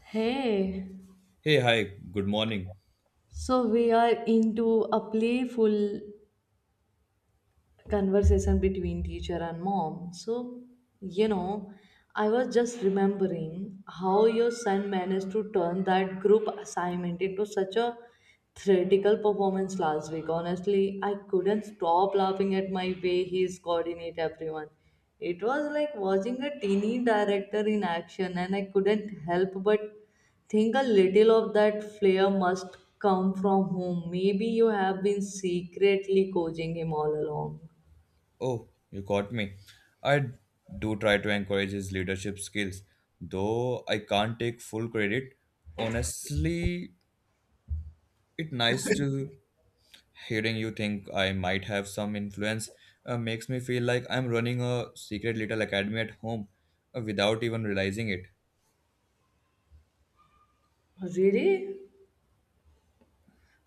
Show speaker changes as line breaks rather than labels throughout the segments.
Hey,
Hey, hi, good morning.
so we are into a playful conversation between teacher and mom. You know, I was just remembering how your son managed to turn that group assignment into such a theatrical performance last week. Honestly, I couldn't stop laughing at my way he's coordinate everyone. It was like watching a teeny director in action, and I couldn't help but think a little of that flair must come from home. Maybe you have been secretly coaching him all along.
Oh, you caught me. I do try to encourage his leadership skills, though I can't take full credit. Honestly, it's nice to hearing you think I might have some influence. Makes me feel like I'm running a secret little academy at home without even realizing it.
Really?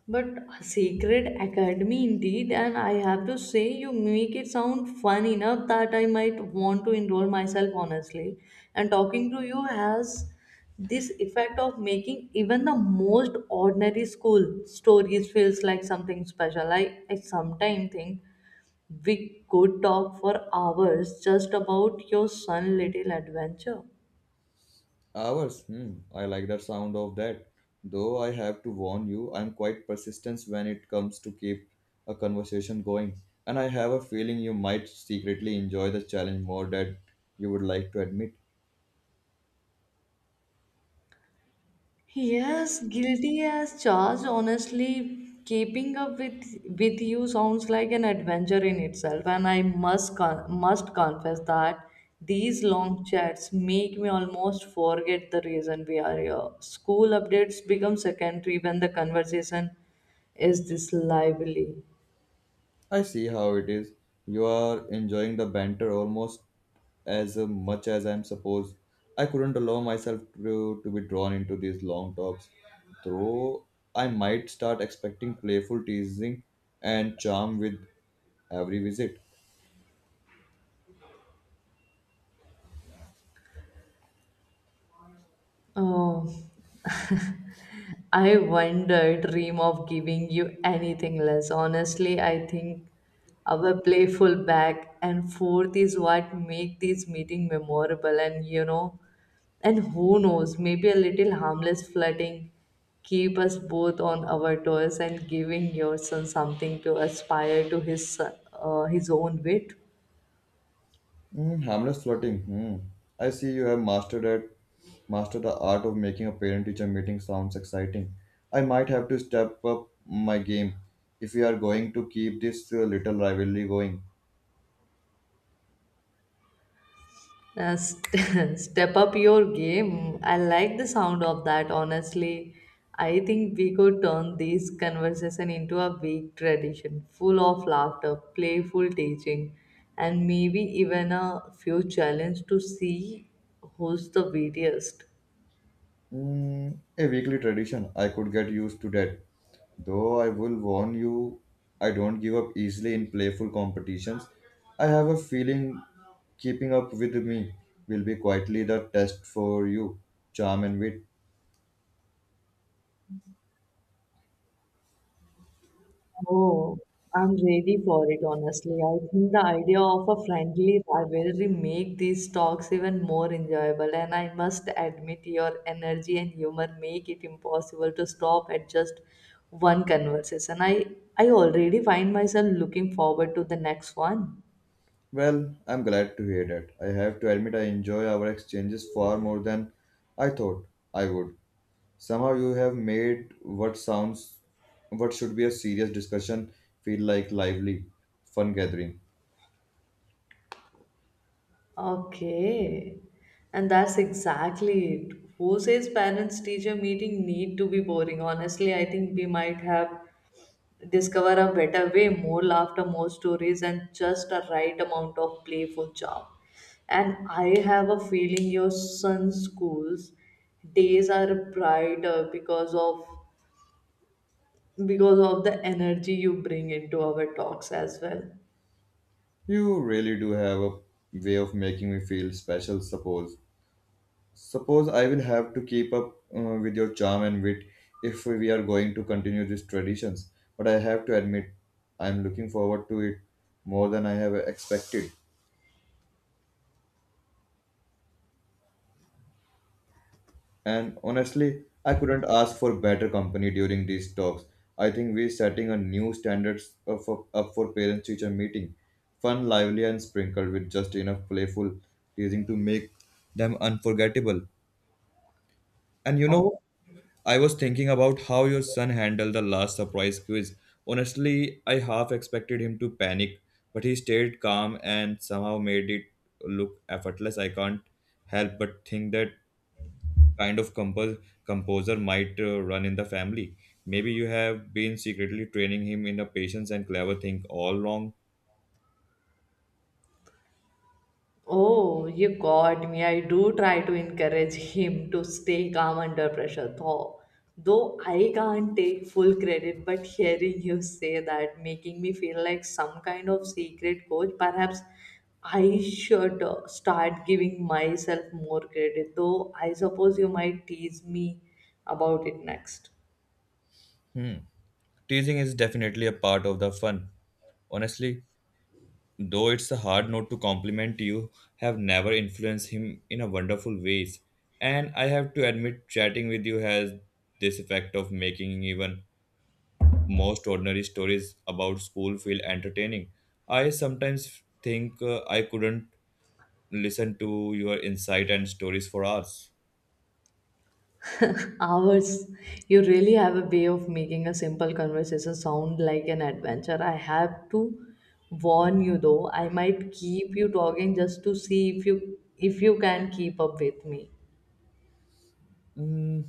But a secret academy indeed, and I have to say, you make it sound fun enough that I might want to enroll myself honestly. And talking to you has this effect of making even the most ordinary school stories feels like something special. I sometimes think we could talk for hours just about your sun little adventure.
Hours. Hmm. I like the sound of that. Though I have to warn you, I'm quite persistent when it comes to keep a conversation going, and I have a feeling you might secretly enjoy the challenge more than you would like to admit.
Yes, guilty as charged. Honestly, keeping up with you sounds like an adventure in itself, and I must confess that these long chats make me almost forget the reason we are here. School updates become secondary when the conversation is this lively.
I see how it is. You are enjoying the banter almost as much as I'm supposed. I couldn't allow myself to be drawn into these long talks, though I might start expecting playful teasing and charm with every visit.
Oh, I wonder, dream of giving you anything less. Honestly, I think our playful back and forth is what make this meeting memorable, and who knows, maybe a little harmless flirting keep us both on our toes and giving your son something to aspire to his own wit.
Mm, harmless flirting. Hmm. I see you have mastered it. Mastered the art of making a parent-teacher meeting sounds exciting. I might have to step up my game if we are going to keep this little rivalry going.
Step up your game. I like the sound of that, honestly. I think we could turn this conversation into a week tradition, full of laughter, playful teaching, and maybe even a few challenges to see who's the wittiest.
Mm, a weekly tradition. I could get used to that. Though I will warn you, I don't give up easily in playful competitions. I have a feeling keeping up with me will be quietly the test for you, charm and wit.
Oh, I'm ready for it, honestly. I think the idea of a friendly rivalry make these talks even more enjoyable, and I must admit your energy and humor make it impossible to stop at just one conversation. I already find myself looking forward to the next one.
Well, I'm glad to hear that. I have to admit I enjoy our exchanges far more than I thought I would. Somehow you have made what should be a serious discussion feel like lively, fun gathering.
Okay. And that's exactly it. Who says parents teacher meeting need to be boring? Honestly, I think we might have discover a better way, more laughter, more stories, and just a right amount of playful charm. And I have a feeling your son's school's days are brighter because of the energy you bring into our talks as well.
You really do have a way of making me feel special, suppose. Suppose I will have to keep up with your charm and wit if we are going to continue these traditions. But I have to admit, I'm looking forward to it more than I have expected. And honestly, I couldn't ask for better company during these talks. I think we're setting a new standards up for parents teacher meeting. Fun, lively, and sprinkled with just enough playful teasing to make them unforgettable. And you know,
Oh,
I was thinking about how your son handled the last surprise quiz. Honestly, I half expected him to panic, but he stayed calm and somehow made it look effortless. I can't help but think that kind of composer might run in the family. Maybe you have been secretly training him in a patience and clever thing all along.
Oh, you got me. I do try to encourage him to stay calm under pressure, though. Though I can't take full credit, but hearing you say that making me feel like some kind of secret coach. Perhaps I should start giving myself more credit, though I suppose you might tease me about it next.
Hmm. Teasing is definitely a part of the fun. Honestly, though it's a hard note to compliment you, have never influenced him in a wonderful ways. And I have to admit, chatting with you has this effect of making even most ordinary stories about school feel entertaining. I sometimes think I couldn't listen to your insight and stories for hours.
Hours. You really have a way of making a simple conversation sound like an adventure. I have to warn you though, I might keep you talking just to see if you can keep up with me.
Mm,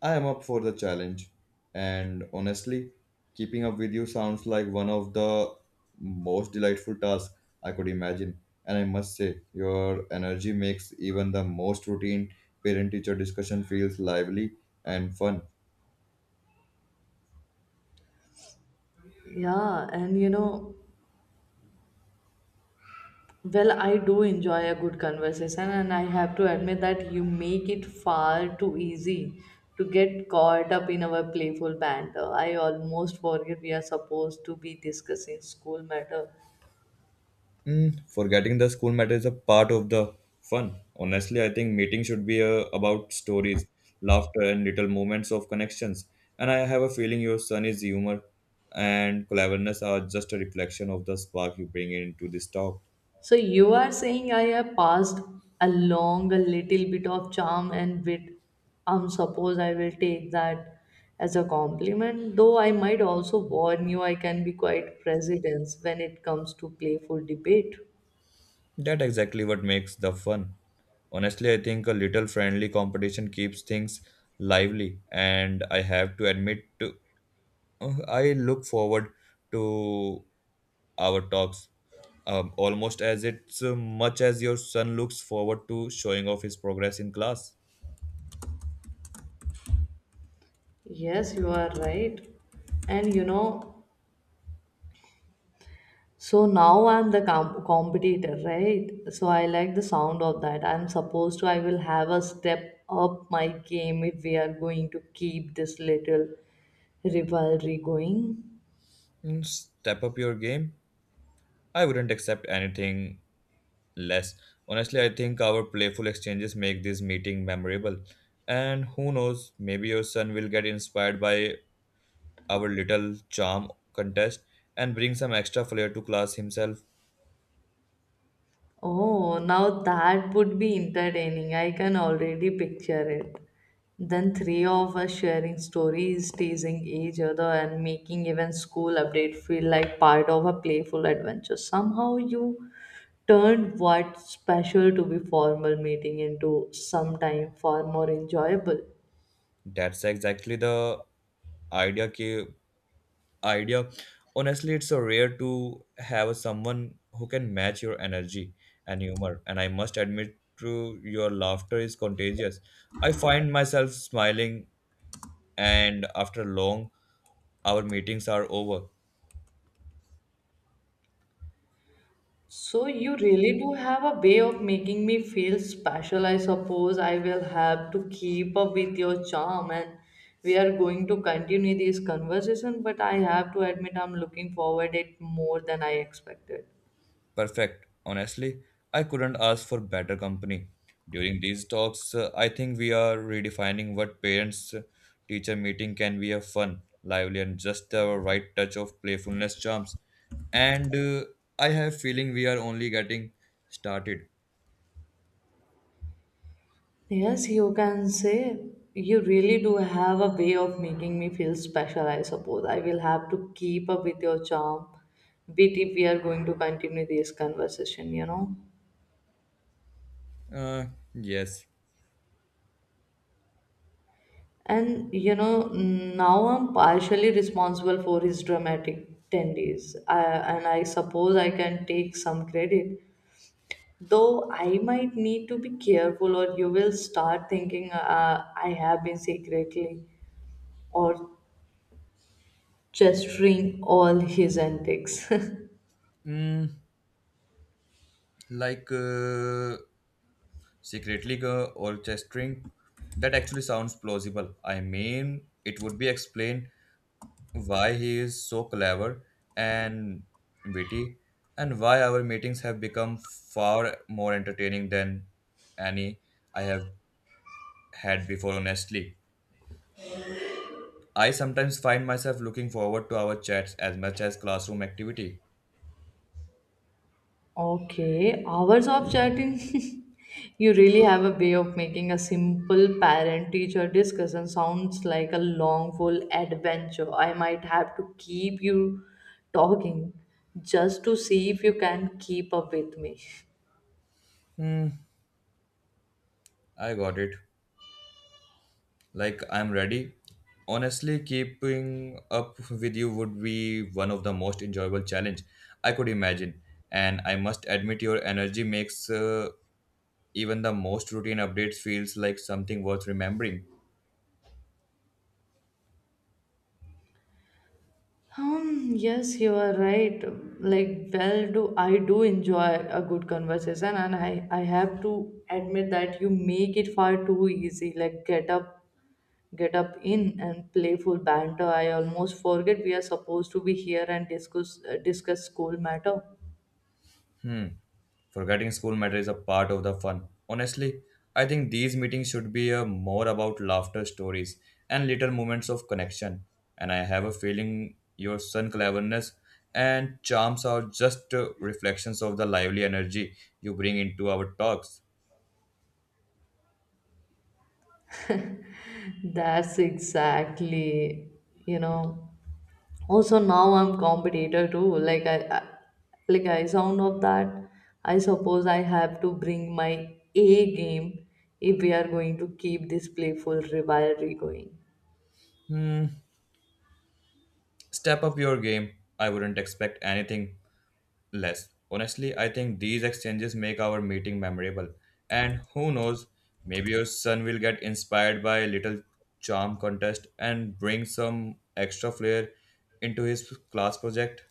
I am up for the challenge. And honestly, keeping up with you sounds like one of the most delightful tasks I could imagine. And I must say, your energy makes even the most routine parent teacher discussion feels lively and fun.
Yeah, and you know, well, I do enjoy a good conversation, and I have to admit that you make it far too easy to get caught up in our playful banter. I almost forget we are supposed to be discussing school matter.
Mm, forgetting the school matter is a part of the fun. Honestly, I think meetings should be about stories, laughter, and little moments of connections. And I have a feeling your son's humor and cleverness are just a reflection of the spark you bring into this talk.
So you are saying I have passed along a little bit of charm and wit. Suppose I will take that as a compliment, though I might also warn you I can be quite presidents when it comes to playful debate.
That exactly what makes the fun. Honestly, I think a little friendly competition keeps things lively, and I have to admit, to. I look forward to our talks almost as it's much as your son looks forward to showing off his progress in class.
Yes, you are right. And you know, so now I'm the competitor, right? So I like the sound of that. I'm supposed to, I will have a step up my game if we are going to keep this little rivalry going.
Mm, step up your game. I wouldn't accept anything less. Honestly, I think our playful exchanges make this meeting memorable. And who knows, maybe your son will get inspired by our little charm contest and bring some extra flair to class himself.
Oh, now that would be entertaining. I can already picture it. Then three of us sharing stories, teasing each other, and making even school update feel like part of a playful adventure. Somehow you turned what special to be formal meeting into sometime far more enjoyable.
That's exactly the idea ki idea. Honestly, it's so rare to have someone who can match your energy and humor. And I must admit, to your laughter is contagious. I find myself smiling, and after long, our meetings are over.
So you really do have a way of making me feel special. I suppose I will have to keep up with your charm and we are going to continue this conversation, but I have to admit I'm looking forward it more than I expected.
Perfect. Honestly, I couldn't ask for better company. During these talks, I think we are redefining what parents teacher meeting can be a fun, lively and just the right touch of playfulness charms. And I have feeling we are only getting started.
Yes, you can say you really do have a way of making me feel special, I suppose. I will have to keep up with your charm, bit if we are going to continue this conversation, you know.
Uh, yes.
And you know, now I'm partially responsible for his dramatic tendencies, I, and I suppose I can take some credit. Though I might need to be careful, or you will start thinking I have been secretly or gesturing all his antics.
Mm, like secretly orchestrating. That actually sounds plausible. I mean, it would be explained why he is so clever and witty, and why our meetings have become far more entertaining than any I have had before, honestly. I sometimes find myself looking forward to our chats as much as classroom activity.
Okay, hours of chatting. You really have a way of making a simple parent teacher discussion sounds like a long, full adventure. I might have to keep you talking just to see if you can keep up with me.
I got it. Like, I'm ready. Honestly, keeping up with you would be one of the most enjoyable challenge I could imagine. And I must admit, your energy makes even the most routine updates feels like something worth remembering.
Yes, you are right. Like, well, do I do enjoy a good conversation, and I have to admit that you make it far too easy. Like, get up in and playful banter. I almost forget we are supposed to be here and discuss discuss school matter.
Hmm. Forgetting school matter is a part of the fun. Honestly, I think these meetings should be more about laughter stories and little moments of connection. And I have a feeling your sun cleverness and charms are just reflections of the lively energy you bring into our talks.
That's exactly, you know. Oh, so now I'm competitor too. Like like I sound of that. I suppose I have to bring my A game if we are going to keep this playful rivalry going.
Hmm, step up your game. I wouldn't expect anything less. Honestly, I think these exchanges make our meeting memorable. And who knows, maybe your son will get inspired by a little charm contest and bring some extra flair into his class project.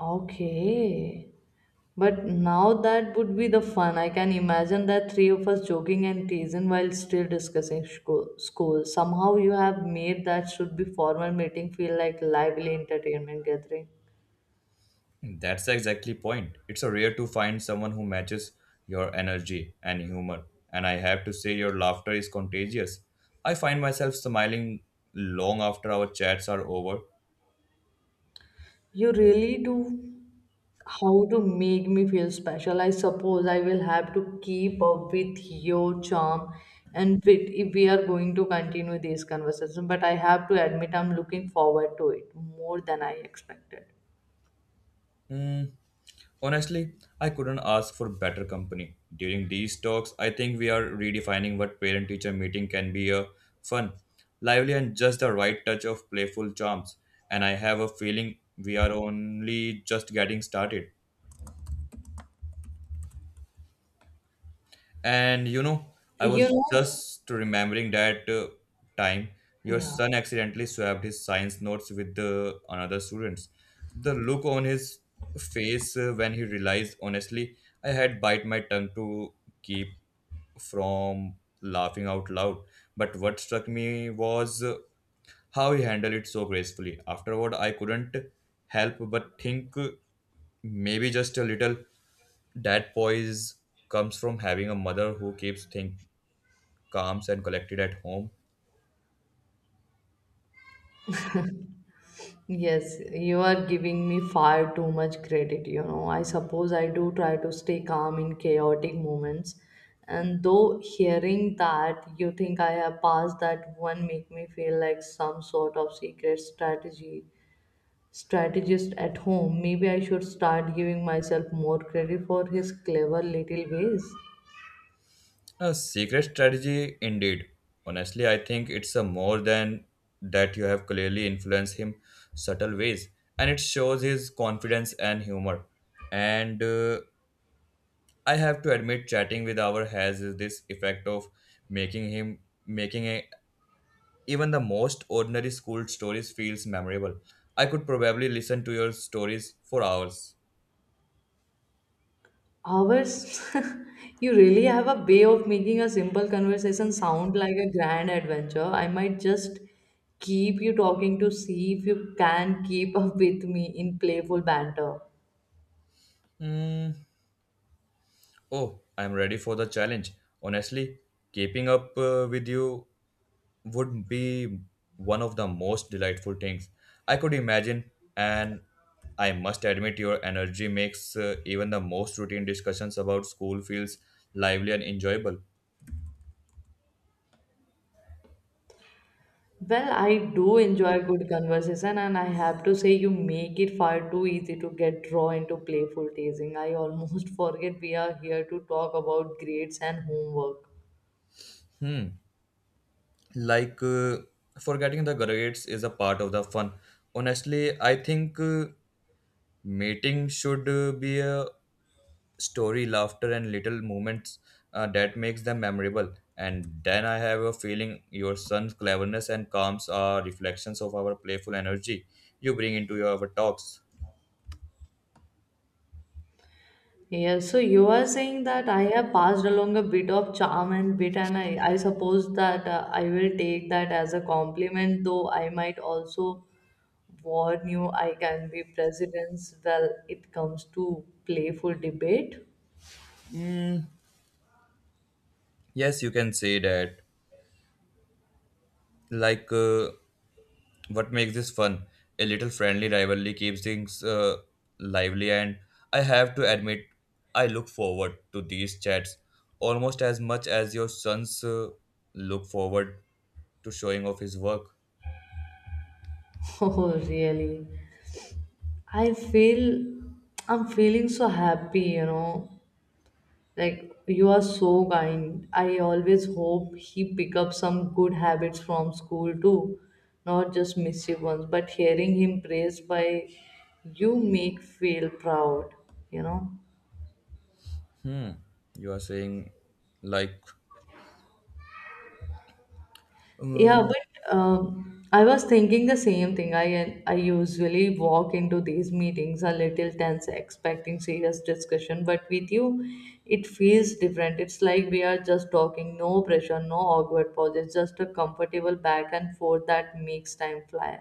Okay. But now that would be the fun. I can imagine that three of us joking and teasing while still discussing school. Somehow you have made that should be formal meeting feel like lively entertainment gathering.
That's exactly point. It's a rare to find someone who matches your energy and humor. And I have to say your laughter is contagious. I find myself smiling long after our chats are over.
You really do how to make me feel special. I suppose I will have to keep up with your charm and wit if we are going to continue this conversation. But I have to admit, I'm looking forward to it more than I expected.
Hmm, honestly, I couldn't ask for better company. During these talks, I think we are redefining what parent teacher meeting can be a fun, lively, and just the right touch of playful charms. And I have a feeling we are only just getting started. And you know, I
You
was
know,
just remembering that time your
yeah.
son accidentally swapped his science notes with the another student's. The look on his face when he realized, honestly, I had bite my tongue to keep from laughing out loud. But what struck me was how he handled it so gracefully. Afterward, I couldn't help but think maybe just a little that poise comes from having a mother who keeps things calm and collected at home.
Yes, you are giving me far too much credit, you know. I suppose I do try to stay calm in chaotic moments. And though hearing that you think I have passed that one make me feel like some sort of secret strategy strategist at home. Maybe I should start giving myself more credit for his clever little ways.
A secret strategy, indeed. Honestly, I think it's a more than that you have clearly influenced him subtle ways, and it shows his confidence and humor. And I have to admit, chatting with our has this effect of making him making a, even the most ordinary school stories feels memorable. I could probably listen to your stories for hours.
Hours, you really have a way of making a simple conversation sound like a grand adventure. I might just keep you talking to see if you can keep up with me in playful banter.
Hmm. Oh, I'm ready for the challenge. Honestly, keeping up with you would be one of the most delightful things I could imagine, and I must admit, your energy makes even the most routine discussions about school feels lively and enjoyable.
Well, I do enjoy good conversation, and I have to say, you make it far too easy to get drawn into playful teasing. I almost forget we are here to talk about grades and homework.
Hmm, like forgetting the grades is a part of the fun. Honestly, I think mating should be a story laughter and little moments that makes them memorable. And then I have a feeling your son's cleverness and calms are reflections of our playful energy you bring into your our talks.
Yeah, so you are saying that I have passed along a bit of charm and bit, and I suppose that I will take that as a compliment, though I might also warn you I can be president's well it comes to playful debate.
Yes, you can say that, like, what makes this fun? A little friendly rivalry keeps things lively, and I have to admit, I look forward to these chats almost as much as your sons look forward to showing off his work.
Oh, really? I feel I'm feeling so happy, you know. Like you are so kind. I always hope he pick up some good habits from school too, not just mischief ones. But hearing him praised by you make feel proud. You know.
Hmm. You are saying, like,
Yeah,
um,
but I was thinking the same thing. I usually walk into these meetings a little tense, expecting serious discussion, but with you, it feels different. It's like we are just talking, no pressure, no awkward pauses, just a comfortable back and forth that makes time fly.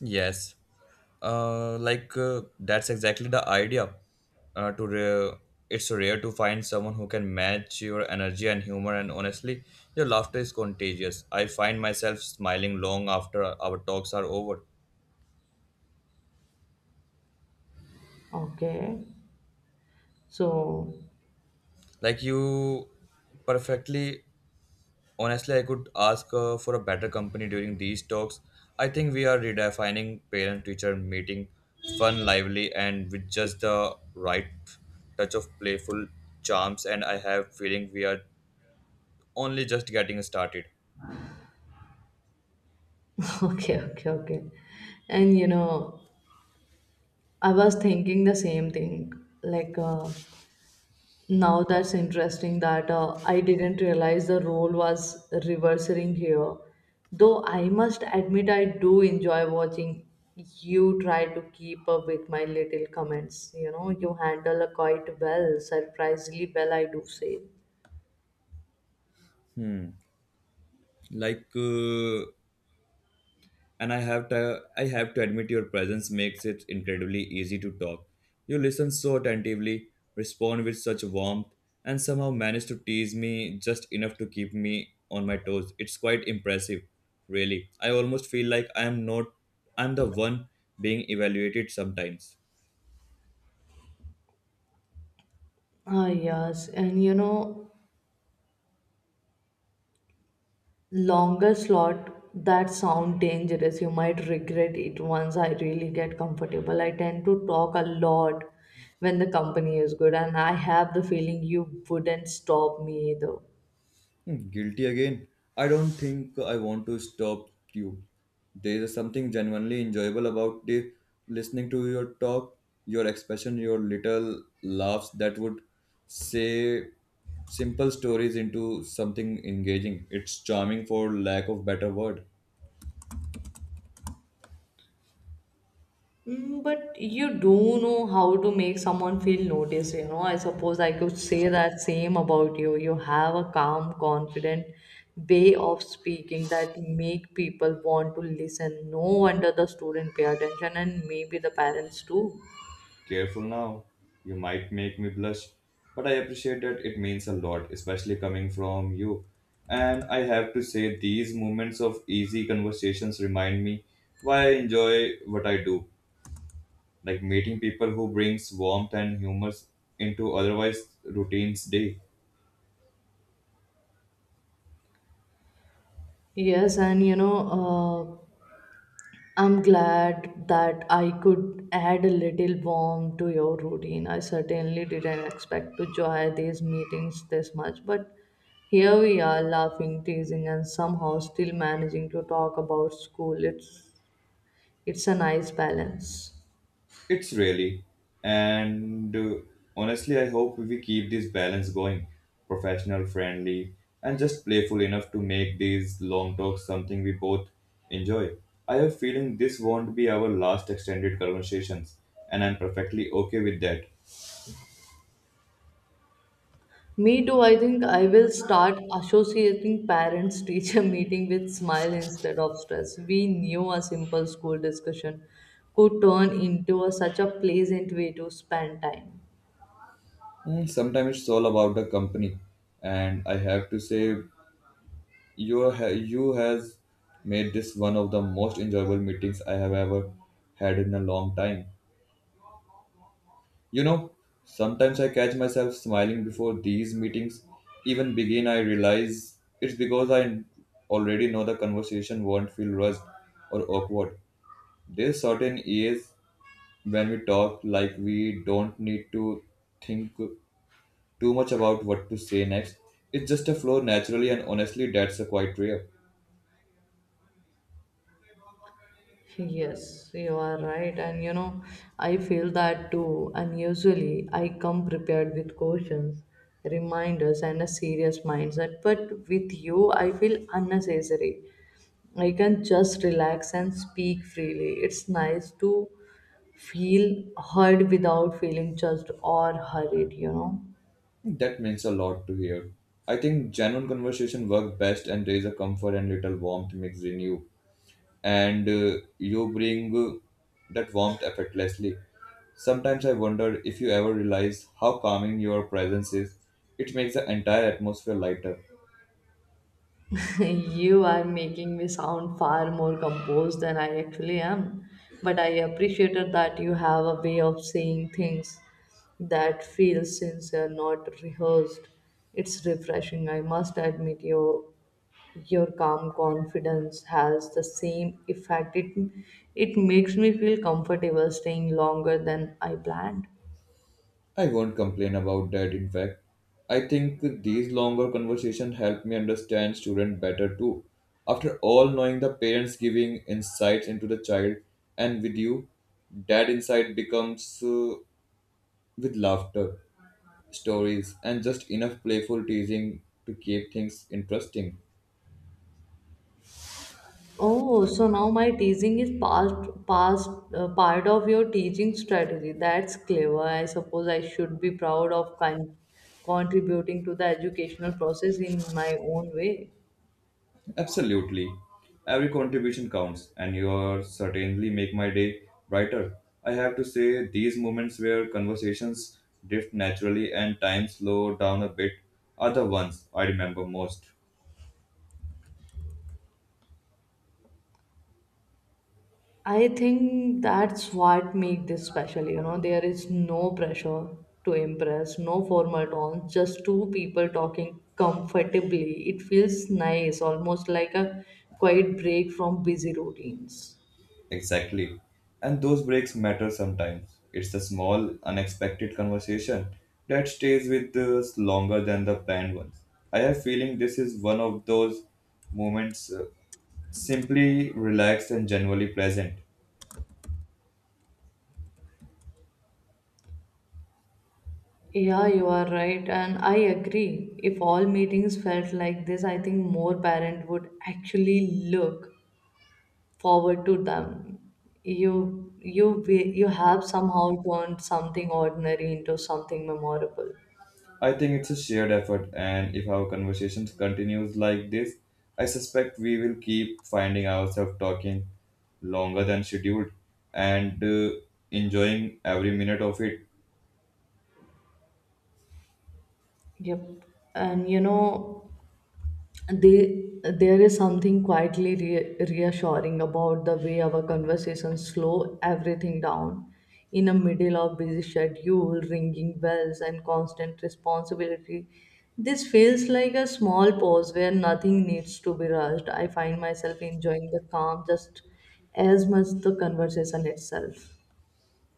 yes, that's exactly the idea. Uh, to re- it's rare to find someone who can match your energy and humor, and honestly, your laughter is contagious. I find myself smiling long after our talks are over.
Okay. So,
Like you, perfectly. Honestly, I could ask for a better company during these talks. I think we are redefining parent teacher meeting fun, lively, and with just the right touch of playful charms. And I have feeling we are only just getting started.
okay, okay, okay. And you know, I was thinking the same thing. Like, uh, Now that's interesting that I didn't realize the role was reversing here. Though I must admit I do enjoy watching you try to keep up with my little comments. You know, you handle quite well, surprisingly well, I do say.
Like, and I have to admit your presence makes it incredibly easy to talk. You listen so attentively, respond with such warmth, and somehow manage to tease me just enough to keep me on my toes. It's quite impressive, really. I almost feel like I am not I'm the one being evaluated sometimes.
Ah, yes, and you know, longer slot that sound dangerous, you might regret it. Once I really get comfortable I tend to talk a lot when the company is good, and I have the feeling you wouldn't stop me either.
Hmm, guilty again. I don't think I want to stop you. There is something genuinely enjoyable about the listening to your talk, your expression, your little laughs that would say simple stories into something engaging. It's charming for lack of better word.
Mm, but you do know how to make someone feel noticed, you know. I suppose I could say that same about you. You have a calm confident way of speaking that make people want to listen. No wonder the student pay attention, and maybe the parents too.
Careful now, you might make me blush, but I appreciate that it means a lot, especially coming from you. And I have to say, these moments of easy conversations remind me why I enjoy what I do, like meeting people who brings warmth and humor into otherwise routine's day.
Yes, and you know, I'm glad that I could add a little warmth to your routine. I certainly didn't expect to joy these meetings this much, but here we are laughing, teasing, and somehow still managing to talk about school. It's a nice balance.
It's really, and honestly, I hope we keep this balance going professional, friendly, and just playful enough to make these long talks something we both enjoy. I have a feeling this won't be our last extended conversations, and I'm perfectly okay with that.
Me too, I think I will start associating parents teacher meeting with smile instead of stress. We knew a simple school discussion could turn into a, such a pleasant way to spend time.
Mm, sometimes it's all about the company, and I have to say, you has made this one of the most enjoyable meetings I have ever had in a long time. You know, sometimes I catch myself smiling before these meetings even begin. I realize it's because I already know the conversation won't feel rushed or awkward. There's certain ease when we talk like we don't need to think too much about what to say next. It's just a flow naturally, and honestly, that's a quite rare.
Yes, you are right. And you know, I feel that too. And usually I come prepared with questions, reminders, and a serious mindset. But with you, I feel unnecessary. I can just relax and speak freely. It's nice to feel heard without feeling judged or hurried, you know.
That means a lot to hear. I think genuine conversation work best, and there is a comfort and little warmth mixed in you and you bring that warmth effortlessly. Sometimes I wonder if you ever realize how calming your presence is. It makes the entire atmosphere lighter.
You are making me sound far more composed than I actually am. But I appreciated that you have a way of saying things that feel sincere, not rehearsed. It's refreshing. I must admit your calm confidence has the same effect. It makes me feel comfortable staying longer than I planned.
I won't complain about that, in fact. I think these longer conversations help me understand students better too. After all, knowing the parents giving insights into the child and with you, that insight becomes with laughter, stories, and just enough playful teasing to keep things interesting.
Oh, so now my teasing is past, past part of your teaching strategy. That's clever. I suppose I should be proud of contributing to the educational process in my own way.
Absolutely. Every contribution counts, and you certainly make my day brighter. I have to say, these moments where conversations drift naturally and time slow down a bit are the ones I remember most.
I think that's what makes this special. You know, there is no pressure to impress, no formal tones, just two people talking comfortably. It feels nice, almost like a quiet break from busy routines.
Exactly. And those breaks matter sometimes. It's the small, unexpected conversation that stays with us longer than the planned ones. I have feeling this is one of those moments simply relaxed and genuinely pleasant.
Yeah, you are right, and I agree. If all meetings felt like this, I think more parents would actually look forward to them. You have somehow turned something ordinary into something memorable.
I think it's a shared effort and if our conversations continues like this, I suspect we will keep finding ourselves talking longer than scheduled and enjoying every minute of it.
Yep. And you know, they there is something quietly reassuring about the way our conversations slow everything down in a middle of busy schedule ringing bells and constant responsibility. This feels like a small pause where nothing needs to be rushed. I find myself enjoying the calm just as much the conversation itself.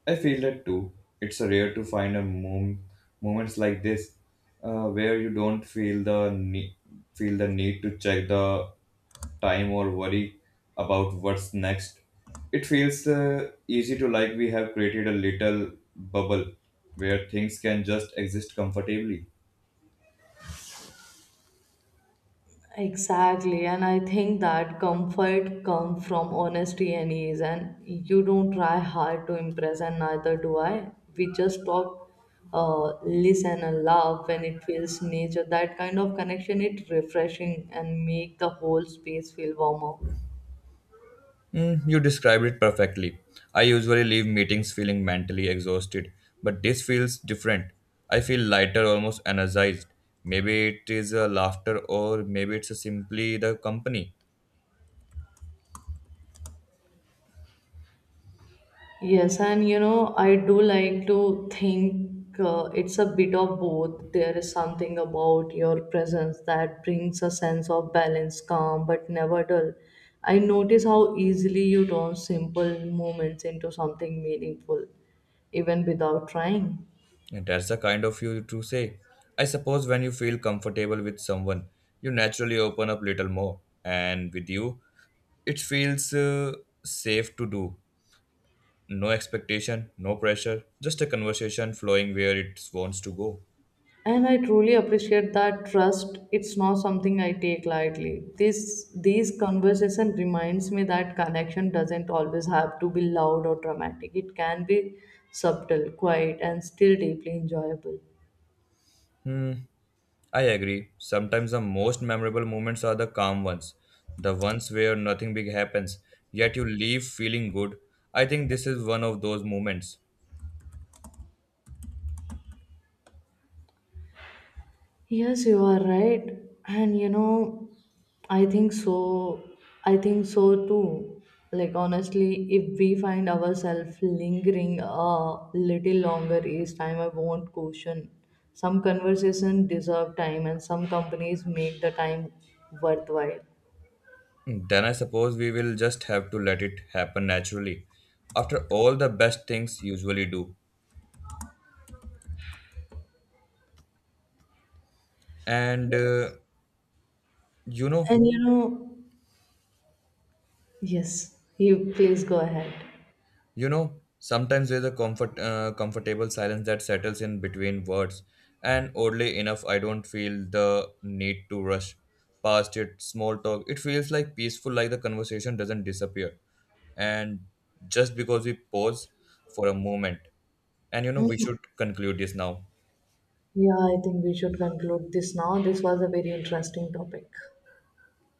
I feel that too. It's a rare to find a moments like this where you don't feel the feel the need to check the time or worry about what's next. It feels easy to like we have created a little bubble where things can just exist comfortably.
Exactly, and I think that comfort comes from honesty and ease. And you don't try hard to impress, and neither do I. We just talk, listen, and laugh when it feels nature. That kind of connection, it refreshing and make the whole space feel warmer.
Mm, you described it perfectly. I usually leave meetings feeling mentally exhausted, but this feels different. I feel lighter, almost energized. Maybe it is a laughter, or maybe it's simply the company.
Yes, and you know, I do like to think it's a bit of both. There is something about your presence that brings a sense of balance, calm, but never dull. I notice how easily you turn simple moments into something meaningful, even without trying.
And that's the kind of you to say. I suppose when you feel comfortable with someone, you naturally open up little more. And with you, it feels safe to do. No expectation, no pressure, just a conversation flowing where it wants to go.
And I truly appreciate that trust. It's not something I take lightly. This these conversation reminds me that connection doesn't always have to be loud or dramatic. It can be subtle, quiet, and still deeply enjoyable.
Hmm. I agree. Sometimes the most memorable moments are the calm ones, the ones where nothing big happens, yet you leave feeling good. I think this is one of those moments.
Yes, you are right. And you know, I think so. I think so too. Like, honestly, if we find ourselves lingering a little longer each time, I won't caution. Some conversations deserve time, and some companies make the time worthwhile.
Then I suppose we will just have to let it happen naturally. After all, the best things usually do. And uh, you know,
And you know, yes, you please go ahead.
You know, sometimes there's a comfortable silence that settles in between words, and oddly enough, I don't feel the need to rush past it. Small talk, it feels like peaceful, like the conversation doesn't disappear, and just because we pause for a moment, and you know, we
Mm,
should conclude this now.
yeah, I think we should conclude this now. This was a very interesting topic.